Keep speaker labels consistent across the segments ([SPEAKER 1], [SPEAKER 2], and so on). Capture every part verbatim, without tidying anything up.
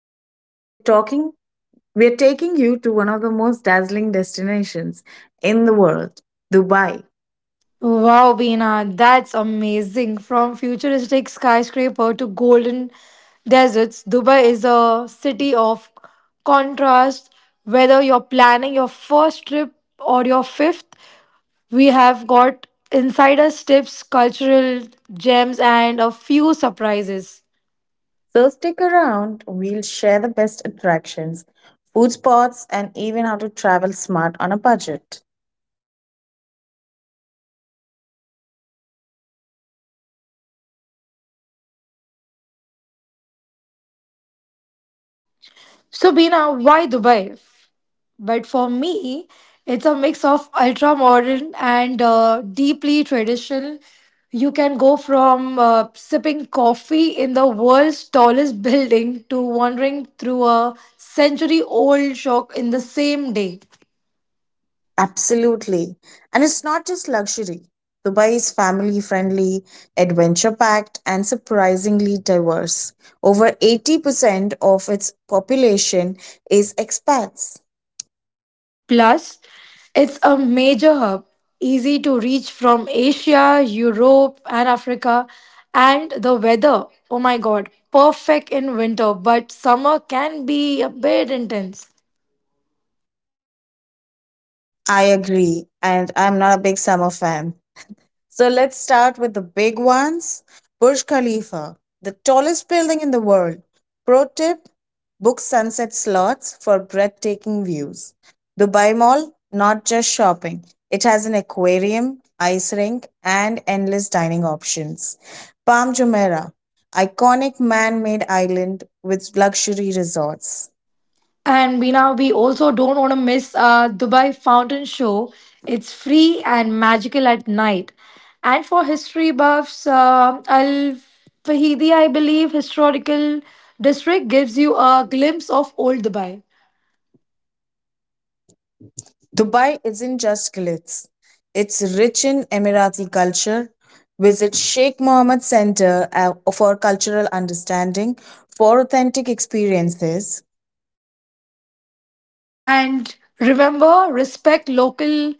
[SPEAKER 1] Today we're talking we're taking you to one of the most dazzling destinations in the world, Dubai.
[SPEAKER 2] Wow, Beena, that's amazing. From futuristic skyscraper to golden deserts, Dubai is a city of contrast. Whether you're planning your first trip or your fifth, we have got insider tips, cultural gems, and a few surprises.
[SPEAKER 1] So stick around, we'll share the best attractions, food spots and even how to travel smart on a budget.
[SPEAKER 2] So, Bina, why Dubai? But for me, it's a mix of ultra modern and uh, deeply traditional. You can go from uh, sipping coffee in the world's tallest building to wandering through a century old shop in the same day.
[SPEAKER 1] Absolutely. And it's not just luxury. Dubai is family friendly, adventure packed, and surprisingly diverse. Over eighty percent of its population is expats.
[SPEAKER 2] Plus, it's a major hub, easy to reach from Asia, Europe, and Africa. And the weather, oh my god, perfect in winter, but summer can be a bit intense.
[SPEAKER 1] I agree, and I'm not a big summer fan. So let's start with the big ones. Burj Khalifa, the tallest building in the world. Pro tip: book sunset slots for breathtaking views. Dubai Mall, not just shopping, it has an aquarium, ice rink, and endless dining options. Palm Jumeirah, iconic man made island with luxury resorts.
[SPEAKER 2] And we now we also don't want to miss uh, Dubai Fountain Show. It's free and magical at night. And for history buffs, uh, Al Fahidi, I believe, historical district gives you a glimpse of old Dubai.
[SPEAKER 1] Dubai isn't just glitz. It's rich in Emirati culture. Visit Sheikh Mohammed Center uh, for cultural understanding, for authentic experiences.
[SPEAKER 2] And remember, respect local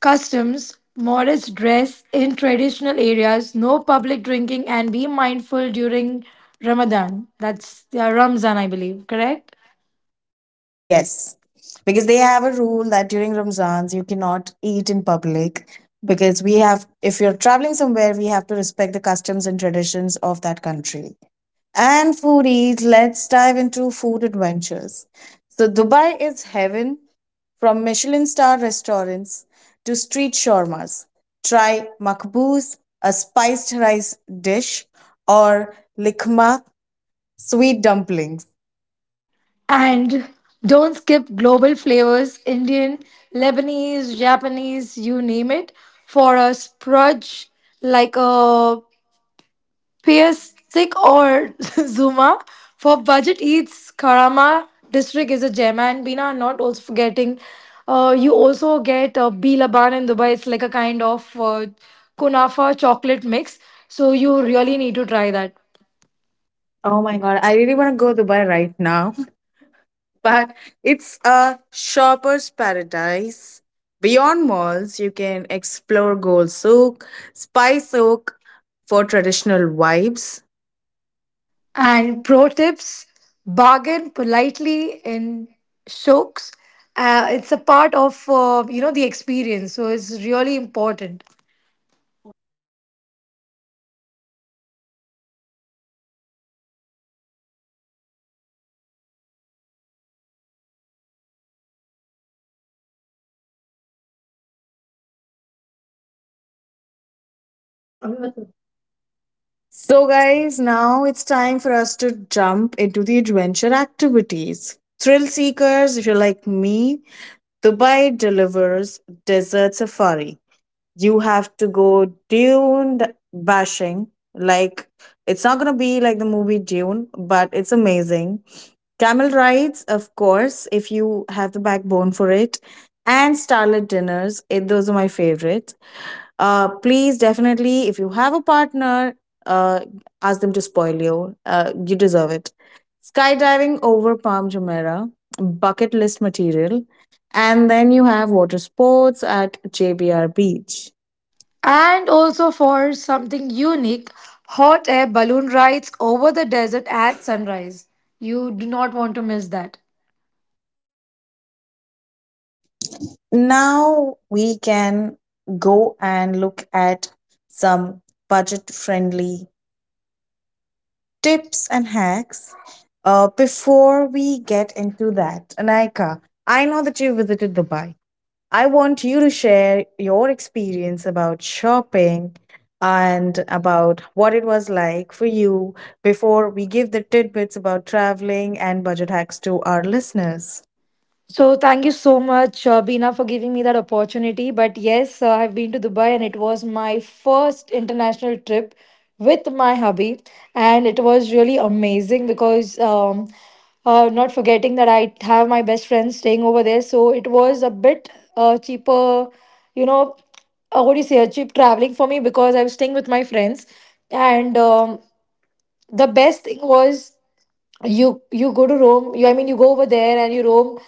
[SPEAKER 2] customs, modest dress in traditional areas, no public drinking, and be mindful during Ramadan. That's yeah, Ramzan, I believe, correct?
[SPEAKER 1] Yes, because they have a rule that during Ramzans you cannot eat in public because we have, if you're traveling somewhere, we have to respect the customs and traditions of that country. And foodies, let's dive into food adventures. So, Dubai is heaven, from Michelin star restaurants to street shawarmas. Try makbuz, a spiced rice dish, or likma, sweet dumplings.
[SPEAKER 2] And don't skip global flavors Indian, Lebanese, Japanese, you name it for a sprudge like a Piasik or Zuma. For budget eats, Karama district is a gem. And Bina, not also forgetting, uh, you also get uh, B Laban in Dubai. It's like a kind of uh, kunafa chocolate mix. So you really need to try that.
[SPEAKER 1] Oh my god, I really want to go Dubai right now. But it's a shopper's paradise. Beyond malls, you can explore Gold Souk, Spice Souk for traditional vibes.
[SPEAKER 2] And pro tips bargain politely in shokes. Uh, it's a part of uh, you know the experience, so it's really important.
[SPEAKER 1] So, guys, now it's time for us to jump into the adventure activities. Thrill seekers, if you're like me, Dubai delivers. Desert safari, you have to go dune bashing. Like, it's not going to be like the movie Dune, but it's amazing. Camel rides, of course, if you have the backbone for it. And starlit dinners, it, those are my favorite. Uh please, definitely, if you have a partner, uh ask them to spoil you. Uh you deserve it. Skydiving over Palm Jumeirah, bucket list material. And then you have water sports at JBR beach.
[SPEAKER 2] And also for something unique, hot air balloon rides over the desert at sunrise. You do not want to miss that.
[SPEAKER 1] Now we can go and look at some budget friendly tips and hacks. Uh, before we get into that, Anaika, I know that you visited Dubai. I want you to share your experience about shopping and about what it was like for you before we give the tidbits about traveling and budget hacks to our listeners.
[SPEAKER 2] So thank you so much, uh, Bina, for giving me that opportunity. But yes, uh, I've been to Dubai, and it was my first international trip with my hubby, and it was really amazing because. Um, uh, not forgetting that I have my best friend staying over there, so it was a bit uh, cheaper, you know, uh, what do you say, a cheap traveling for me because I was staying with my friends, and um, the best thing was you you go to Rome. You I mean you go over there and you roam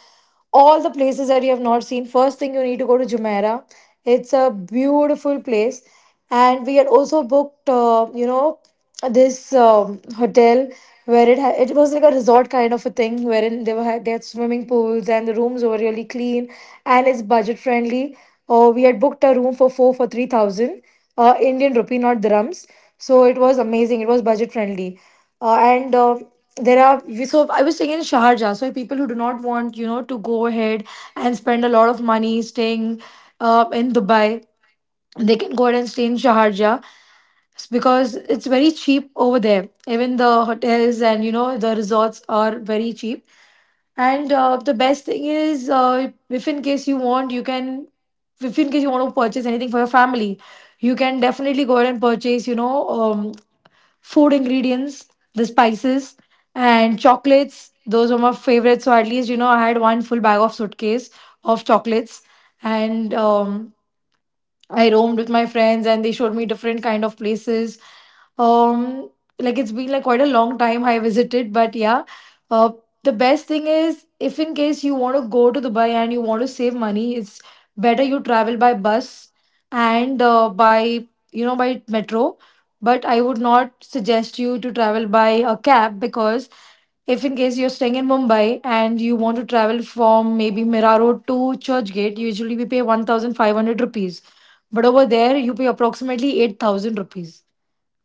[SPEAKER 2] all the places that you have not seen. First thing you need to go to Jumeirah. It's a beautiful place, and we had also booked uh, you know this um, hotel where it ha- it was like a resort kind of a thing wherein they were ha- they had swimming pools and the rooms were really clean and it's budget friendly. Uh, we had booked a room for four for three thousand uh, Indian rupee, not dirhams. So it was amazing. It was budget friendly, uh, and. Uh, there are we- so I was staying in Sharjah, so people who do not want you know to go ahead and spend a lot of money staying uh, in Dubai, they can go ahead and stay in Sharjah. It's because it's very cheap over there. Even the hotels and you know the resorts are very cheap. And uh, the best thing is, uh, if in case you want, you can, if in case you want to purchase anything for your family, you can definitely go ahead and purchase, you know, um, food ingredients, the spices, and chocolates. Those are my favorites. So at least, you know, I had one full bag of suitcase of chocolates. And um, I roamed with my friends and they showed me different kind of places. Um, like it's been like quite a long time I visited, but yeah. Uh, the best thing is if in case you want to go to Dubai and you want to save money, it's better you travel by bus and uh, by you know by metro. But I would not suggest you to travel by a cab because if in case you're staying in Mumbai and you want to travel from maybe Mira Road to Churchgate, usually we pay one thousand five hundred rupees. But over there, you pay approximately eight thousand rupees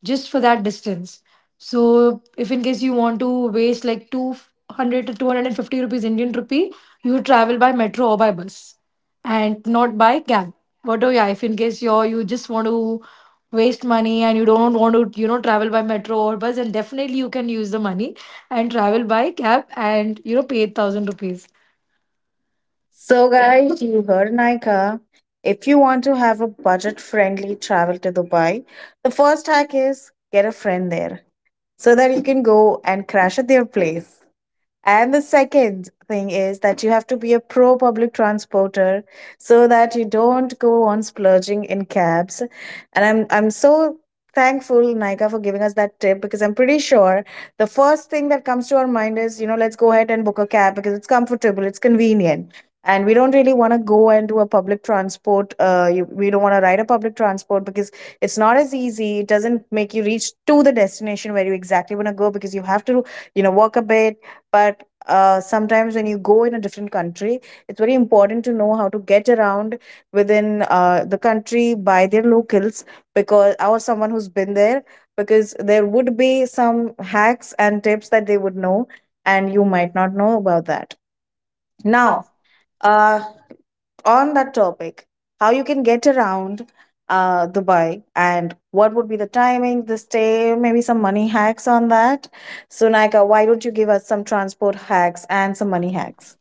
[SPEAKER 2] just for that distance. So, if in case you want to waste like two hundred to two hundred fifty rupees Indian rupee, you would travel by metro or by bus and not by cab. But oh, yeah, if in case you you just want to waste money and you don't want to, you know, travel by metro or bus, then definitely you can use the money and travel by cab and, you know, pay eight thousand rupees.
[SPEAKER 1] So, guys, you heard Nika. If you want to have a budget friendly travel to Dubai, the first hack is get a friend there so that you can go and crash at their place. And the second thing is that you have to be a pro public transporter so that you don't go on splurging in cabs. And I'm I'm so thankful, Nika, for giving us that tip, because I'm pretty sure the first thing that comes to our mind is, you know, let's go ahead and book a cab because it's comfortable, it's convenient. And we don't really want to go and do a public transport. Uh, you, we don't want to ride a public transport because it's not as easy. It doesn't make you reach to the destination where you exactly want to go because you have to, you know, walk a bit. But uh, sometimes when you go in a different country it's very important to know how to get around within uh, the country by their locals, because, or someone who's been there, because there would be some hacks and tips that they would know and you might not know about that. Now, uh, on that topic, how you can get around uh, Dubai and what would be the timing, the stay, maybe some money hacks on that. So, Nika, why don't you give us some transport hacks and some money hacks?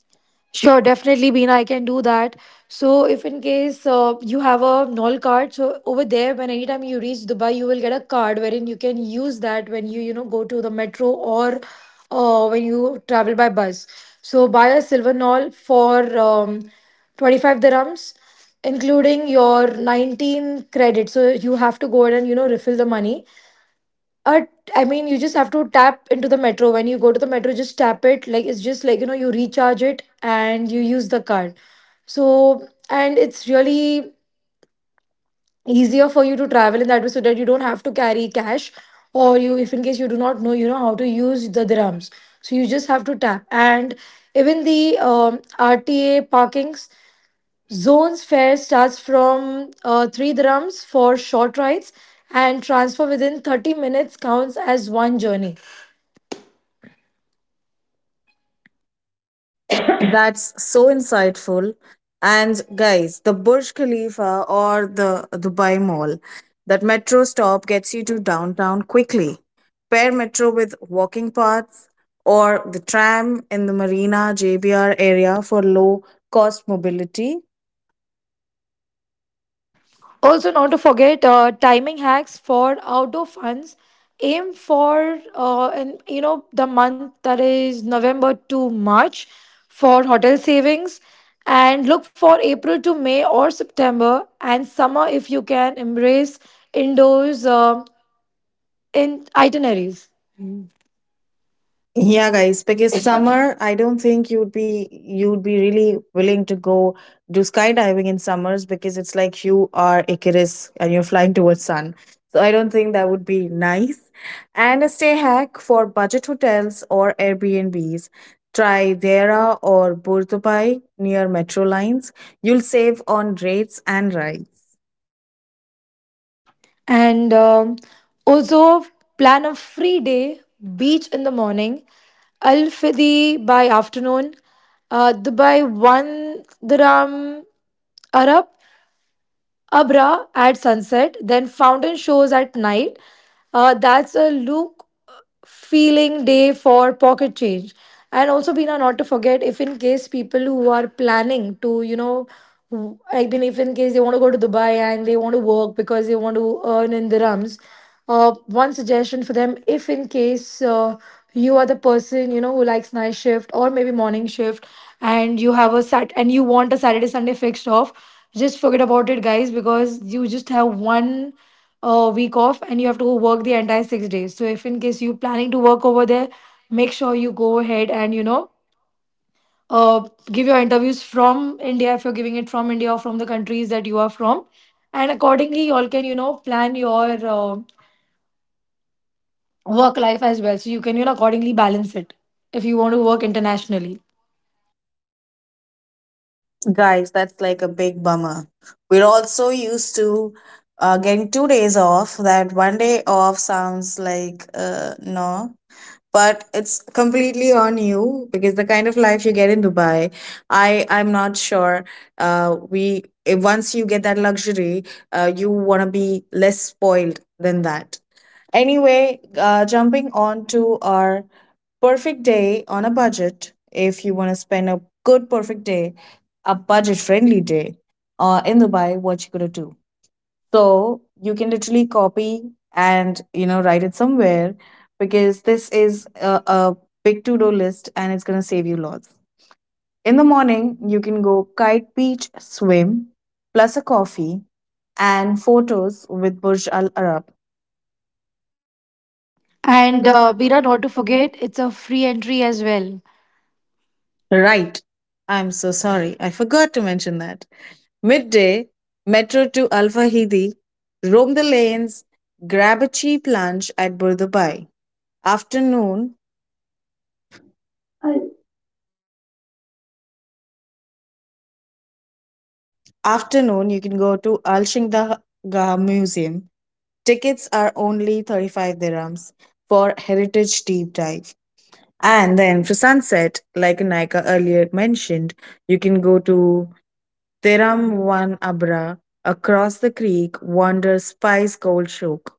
[SPEAKER 2] Sure, definitely, Beena. I can do that. So, if in case uh, you have a null card, so over there, when anytime you reach Dubai, you will get a card wherein you can use that when you, you know, go to the metro or uh, when you travel by bus. So, buy a silver null for um, twenty-five dirhams, including your nineteen credits. So, you have to go ahead and, you know, refill the money. Uh, I mean, you just have to tap into the metro. When you go to the metro, just tap it. Like, it's just like, you know, you recharge it and you use the card. So, and it's really easier for you to travel in that way so that you don't have to carry cash or you, if in case you do not know, you know how to use the dirhams. So, you just have to tap. And even the um, R T A parkings, zones fare starts from uh, three dirhams for short rides and transfer within thirty minutes counts as one journey.
[SPEAKER 1] That's so insightful. And guys, the Burj Khalifa or the Dubai Mall, that metro stop gets you to downtown quickly. Pair metro with walking paths or the tram in the Marina J B R area for low cost mobility.
[SPEAKER 2] Also, not to forget uh, timing hacks for outdoor funds. Aim for uh, and you know the month that is November to March for hotel savings, and look for April to May or September and summer if you can embrace indoors uh, in itineraries.
[SPEAKER 1] Yeah, guys, because summer, I don't think you'd be you'd be really willing to go do skydiving in summers because it's like you are Icarus and you're flying towards sun. So I don't think that would be nice. And a stay hack for budget hotels or Airbnbs. Try Dera or Burtupai near metro lines. You'll save on rates and rides.
[SPEAKER 2] and um, also plan a free day beach in the morning al fidi by afternoon uh, dubai one dirham arab Abra at sunset, then fountain shows at night. Uh, that's a look feeling day for pocket change. And also, Bina, not to forget, if in case people who are planning to, you know, w- I mean, if in case they want to go to Dubai and they want to work because they want to earn in dirhams, uh, one suggestion for them, if in case uh, you are the person, you know, who likes night shift or maybe morning shift and you have a sat and you want a Saturday, Sunday fixed off just forget about it, guys, because you just have one uh, week off and you have to go work the entire six days. So, if in case you're planning to work over there, make sure you go ahead and you know uh, give your interviews from India if you're giving it from India or from the countries that you are from, and accordingly, you all can you know plan your uh, work life as well. So you can you know accordingly balance it if you want to work internationally.
[SPEAKER 1] Guys, that's like a big bummer. We're all so used to uh, getting two days off that one day off sounds like uh, no. But it's completely on you because the kind of life you get in Dubai, I I'm not sure. Uh, we eh, once you get that luxury, uh, you wanna be less spoiled than that. Anyway, uh, jumping on to our perfect day on a budget, if you want to spend a good perfect day, a budget friendly day uh, in Dubai, what you gonna do? So you can literally copy and you know write it somewhere because this is a, a big to do list and it's gonna save you lots. In the morning, you can go kite beach swim plus a coffee and photos with Burj Al Arab. And
[SPEAKER 2] And uh,
[SPEAKER 1] uh,
[SPEAKER 2] Bira, not to forget, it's a free entry as well.
[SPEAKER 1] Right. I'm so sorry. I forgot to mention that. Midday, metro to Al Fahidi, roam the lanes, grab a cheap lunch at Burdubai. Afternoon, afternoon you can go to Al Shingdaga Museum. Tickets are only thirty-five dirhams for heritage deep dive. And then for sunset, like Naika earlier mentioned, you can go to Thiramvan Abra across the creek, wander Spice Gold Shook.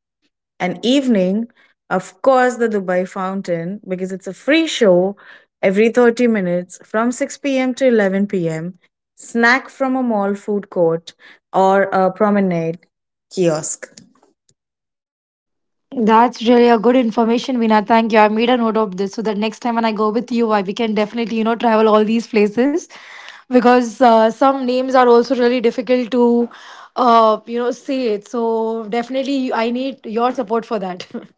[SPEAKER 1] An evening, of course, the Dubai Fountain, because it's a free show every thirty minutes from six p m to eleven p m. Snack from a mall food court or a promenade kiosk.
[SPEAKER 2] That's really a good information, Vina. Thank you. I made a note of this so that next time when I go with you, I, we can definitely, you know, travel all these places because uh, some names are also really difficult to, uh, you know, say it. So definitely I need your support for that.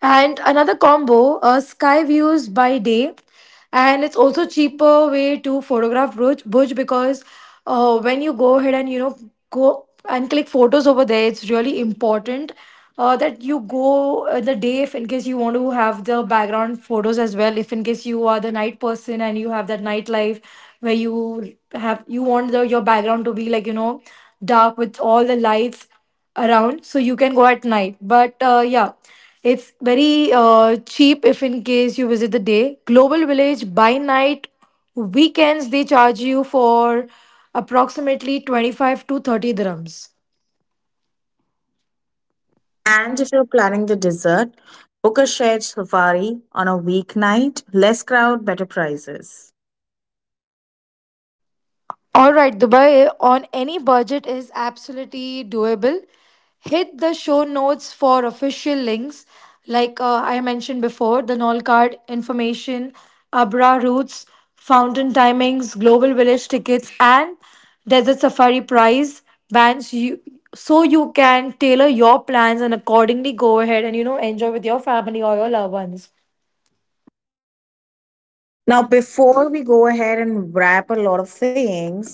[SPEAKER 2] And another combo, uh, sky views by day, and it's also cheaper way to photograph Burj, Burj because uh, when you go ahead and you know go and click photos over there, it's really important uh, that you go uh, the day if in case you want to have the background photos as well. If in case you are the night person and you have that night life where you have you want the, your background to be like you know dark with all the lights around so you can go at night but uh, yeah it's very uh, cheap if in case you visit the day global village by night weekends they charge you for approximately twenty-five to thirty dirhams.
[SPEAKER 1] And if you're planning the dessert, book a shared safari on a weeknight, less crowd, better prices.
[SPEAKER 2] All right, Dubai on any budget is absolutely doable. Hit the show notes for official links. Like uh, I mentioned before, the Nol card information, Abra routes, fountain timings, global village tickets, and desert safari price bands. You So you can tailor your plans and accordingly go ahead and you know enjoy with your family or your loved ones.
[SPEAKER 1] Now, before we go ahead and wrap a lot of things,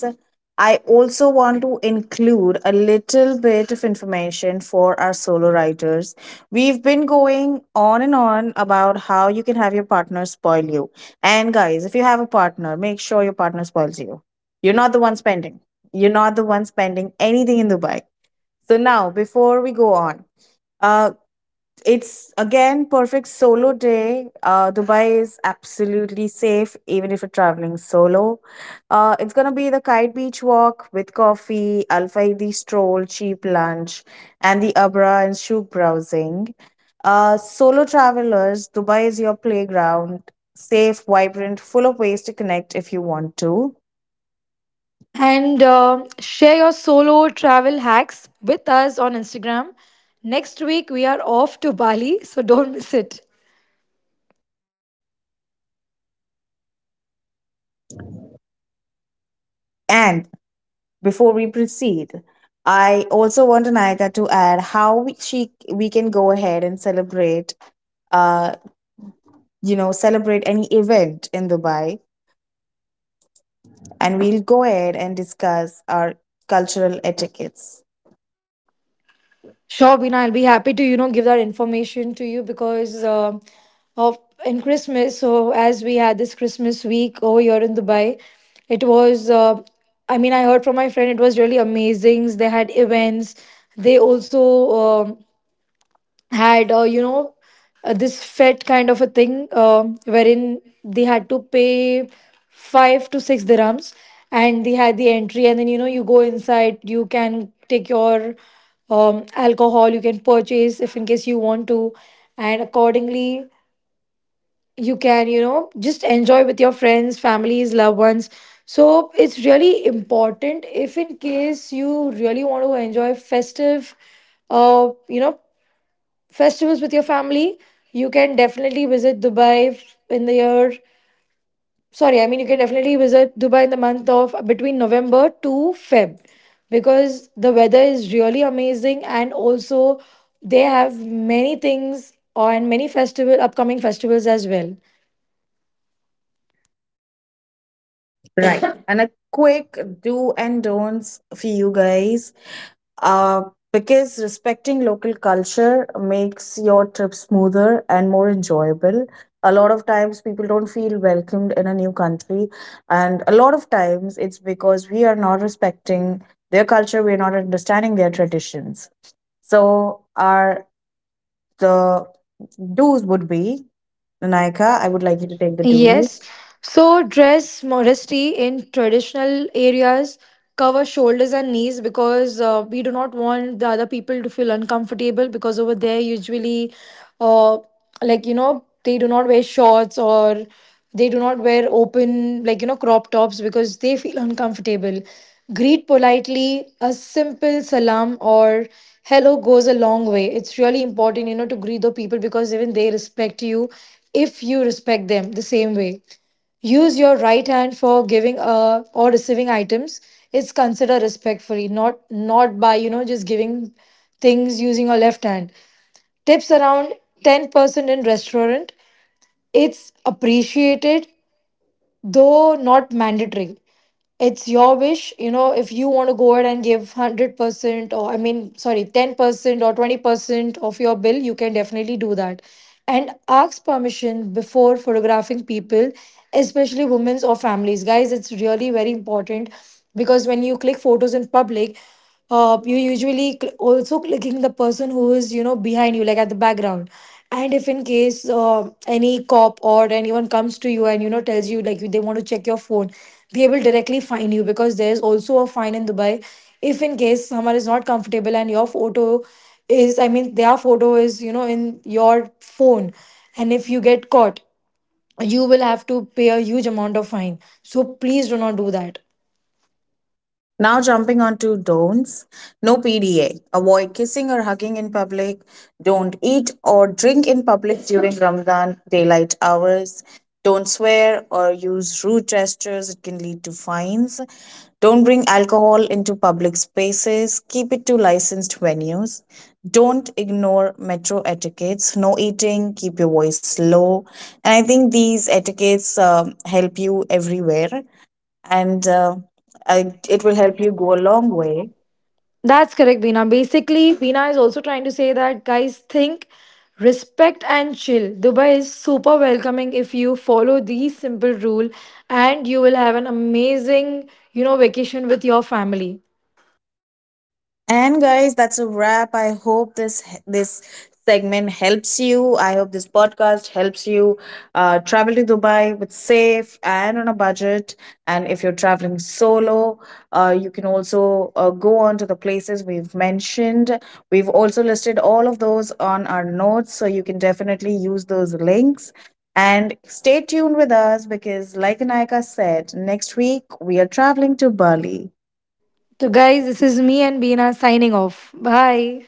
[SPEAKER 1] I also want to include a little bit of information for our solo writers. We've been going on and on about how you can have your partner spoil you. And guys, if you have a partner, make sure your partner spoils you. You're not the one spending. You're not the one spending anything in Dubai. So now, before we go on, uh, it's again perfect solo day. Uh, Dubai is absolutely safe, even if you're traveling solo. Uh, it's gonna be the kite beach walk with coffee, Al Faidi stroll, cheap lunch, and the Abra and Shuk browsing. Uh, solo travelers, Dubai is your playground, safe, vibrant, full of ways to connect if you want to.
[SPEAKER 2] and uh, share your solo travel hacks with us on Instagram. Next week we are off to Bali, so don't miss it.
[SPEAKER 1] And. Before we proceed, I also want Anayika to add how we, she we can go ahead and celebrate, uh, you know, celebrate any event in Dubai, and we'll go ahead and discuss our cultural etiquettes.
[SPEAKER 2] Sure, Bina, I'll be happy to you know give that information to you because uh, of in Christmas. So as we had this Christmas week over here in Dubai, it was. Uh, I mean, I heard from my friend it was really amazing. They had events. They also. um had uh, you know uh, this fet kind of a thing uh, wherein they had to pay five to six dirhams and they had the entry and then you know you go inside you can take your um, alcohol you can purchase if in case you want to and accordingly you can you know just enjoy with your friends families loved ones so it's really important if in case you really want to enjoy festive uh, you know festivals with your family, you can definitely visit Dubai f- in the year. Sorry, I mean, you can definitely visit Dubai in the month of between November to Feb because the weather is really amazing and also they have many things and many festival upcoming festivals as well.
[SPEAKER 1] Right, and a quick do and don'ts for you guys. Uh, because respecting local culture makes your trip smoother and more enjoyable. A lot of times people don't feel welcomed in a new country, and a lot of times it's because we are not respecting their culture, we're not understanding their traditions. So, our the do's would be, Naika, I would like you to take the do's.
[SPEAKER 2] Yes. So dress modesty in traditional areas, cover shoulders and knees because uh, we do not want the other people to feel uncomfortable because over there usually uh, like you know they do not wear shorts or they do not wear open like you know crop tops because they feel uncomfortable greet politely a simple salam or hello goes a long way it's really important you know to greet the people because even they respect you if you respect them the same way use your right hand for giving uh, or receiving items it's considered respectfully not not by you know just giving things using your left hand tips around ten percent in restaurant it's appreciated though not mandatory it's your wish you know if you want to go ahead and give one hundred percent or I mean sorry ten percent or twenty percent of your bill you can definitely do that and ask permission before photographing people especially women's or families guys it's really very important because when you click photos in public uh, you usually cl- also clicking the person who is you know behind you like at the background and if in case uh, any cop or anyone comes to you and you know tells you like they want to check your phone they will directly fine you because there's also a fine in dubai if in case someone is not comfortable and your photo is I mean their photo is you know in your phone and if you get caught you will have to pay a huge amount of fine so please do not do that.
[SPEAKER 1] Now, jumping onto don'ts: no P D A. Avoid kissing or hugging in public. Don't eat or drink in public during Ramadan daylight hours. Don't swear or use rude gestures, it can lead to fines. Don't bring alcohol into public spaces. Keep it to licensed venues. Don't ignore metro etiquettes. No eating. Keep your voice low. And I think these etiquettes um, help you everywhere and uh, I, it will help you go a long way.
[SPEAKER 2] That's correct, Veena. Basically, Veena is also trying to say that guys think, respect, and chill. Dubai is super welcoming if you follow these simple rule, and you will have an amazing, you know, vacation with your family.
[SPEAKER 1] And guys, that's a wrap. I hope this this segment helps you. I hope this podcast helps you uh, travel to Dubai with safe and on a budget. And if you're traveling solo, uh, you can also uh, go on to the places we've mentioned. We've also listed all of those on our notes, so you can definitely use those links. And stay tuned with us because, like Anaika said, next week we are traveling to Bali.
[SPEAKER 2] So, guys, this is me and Veena signing off. Bye.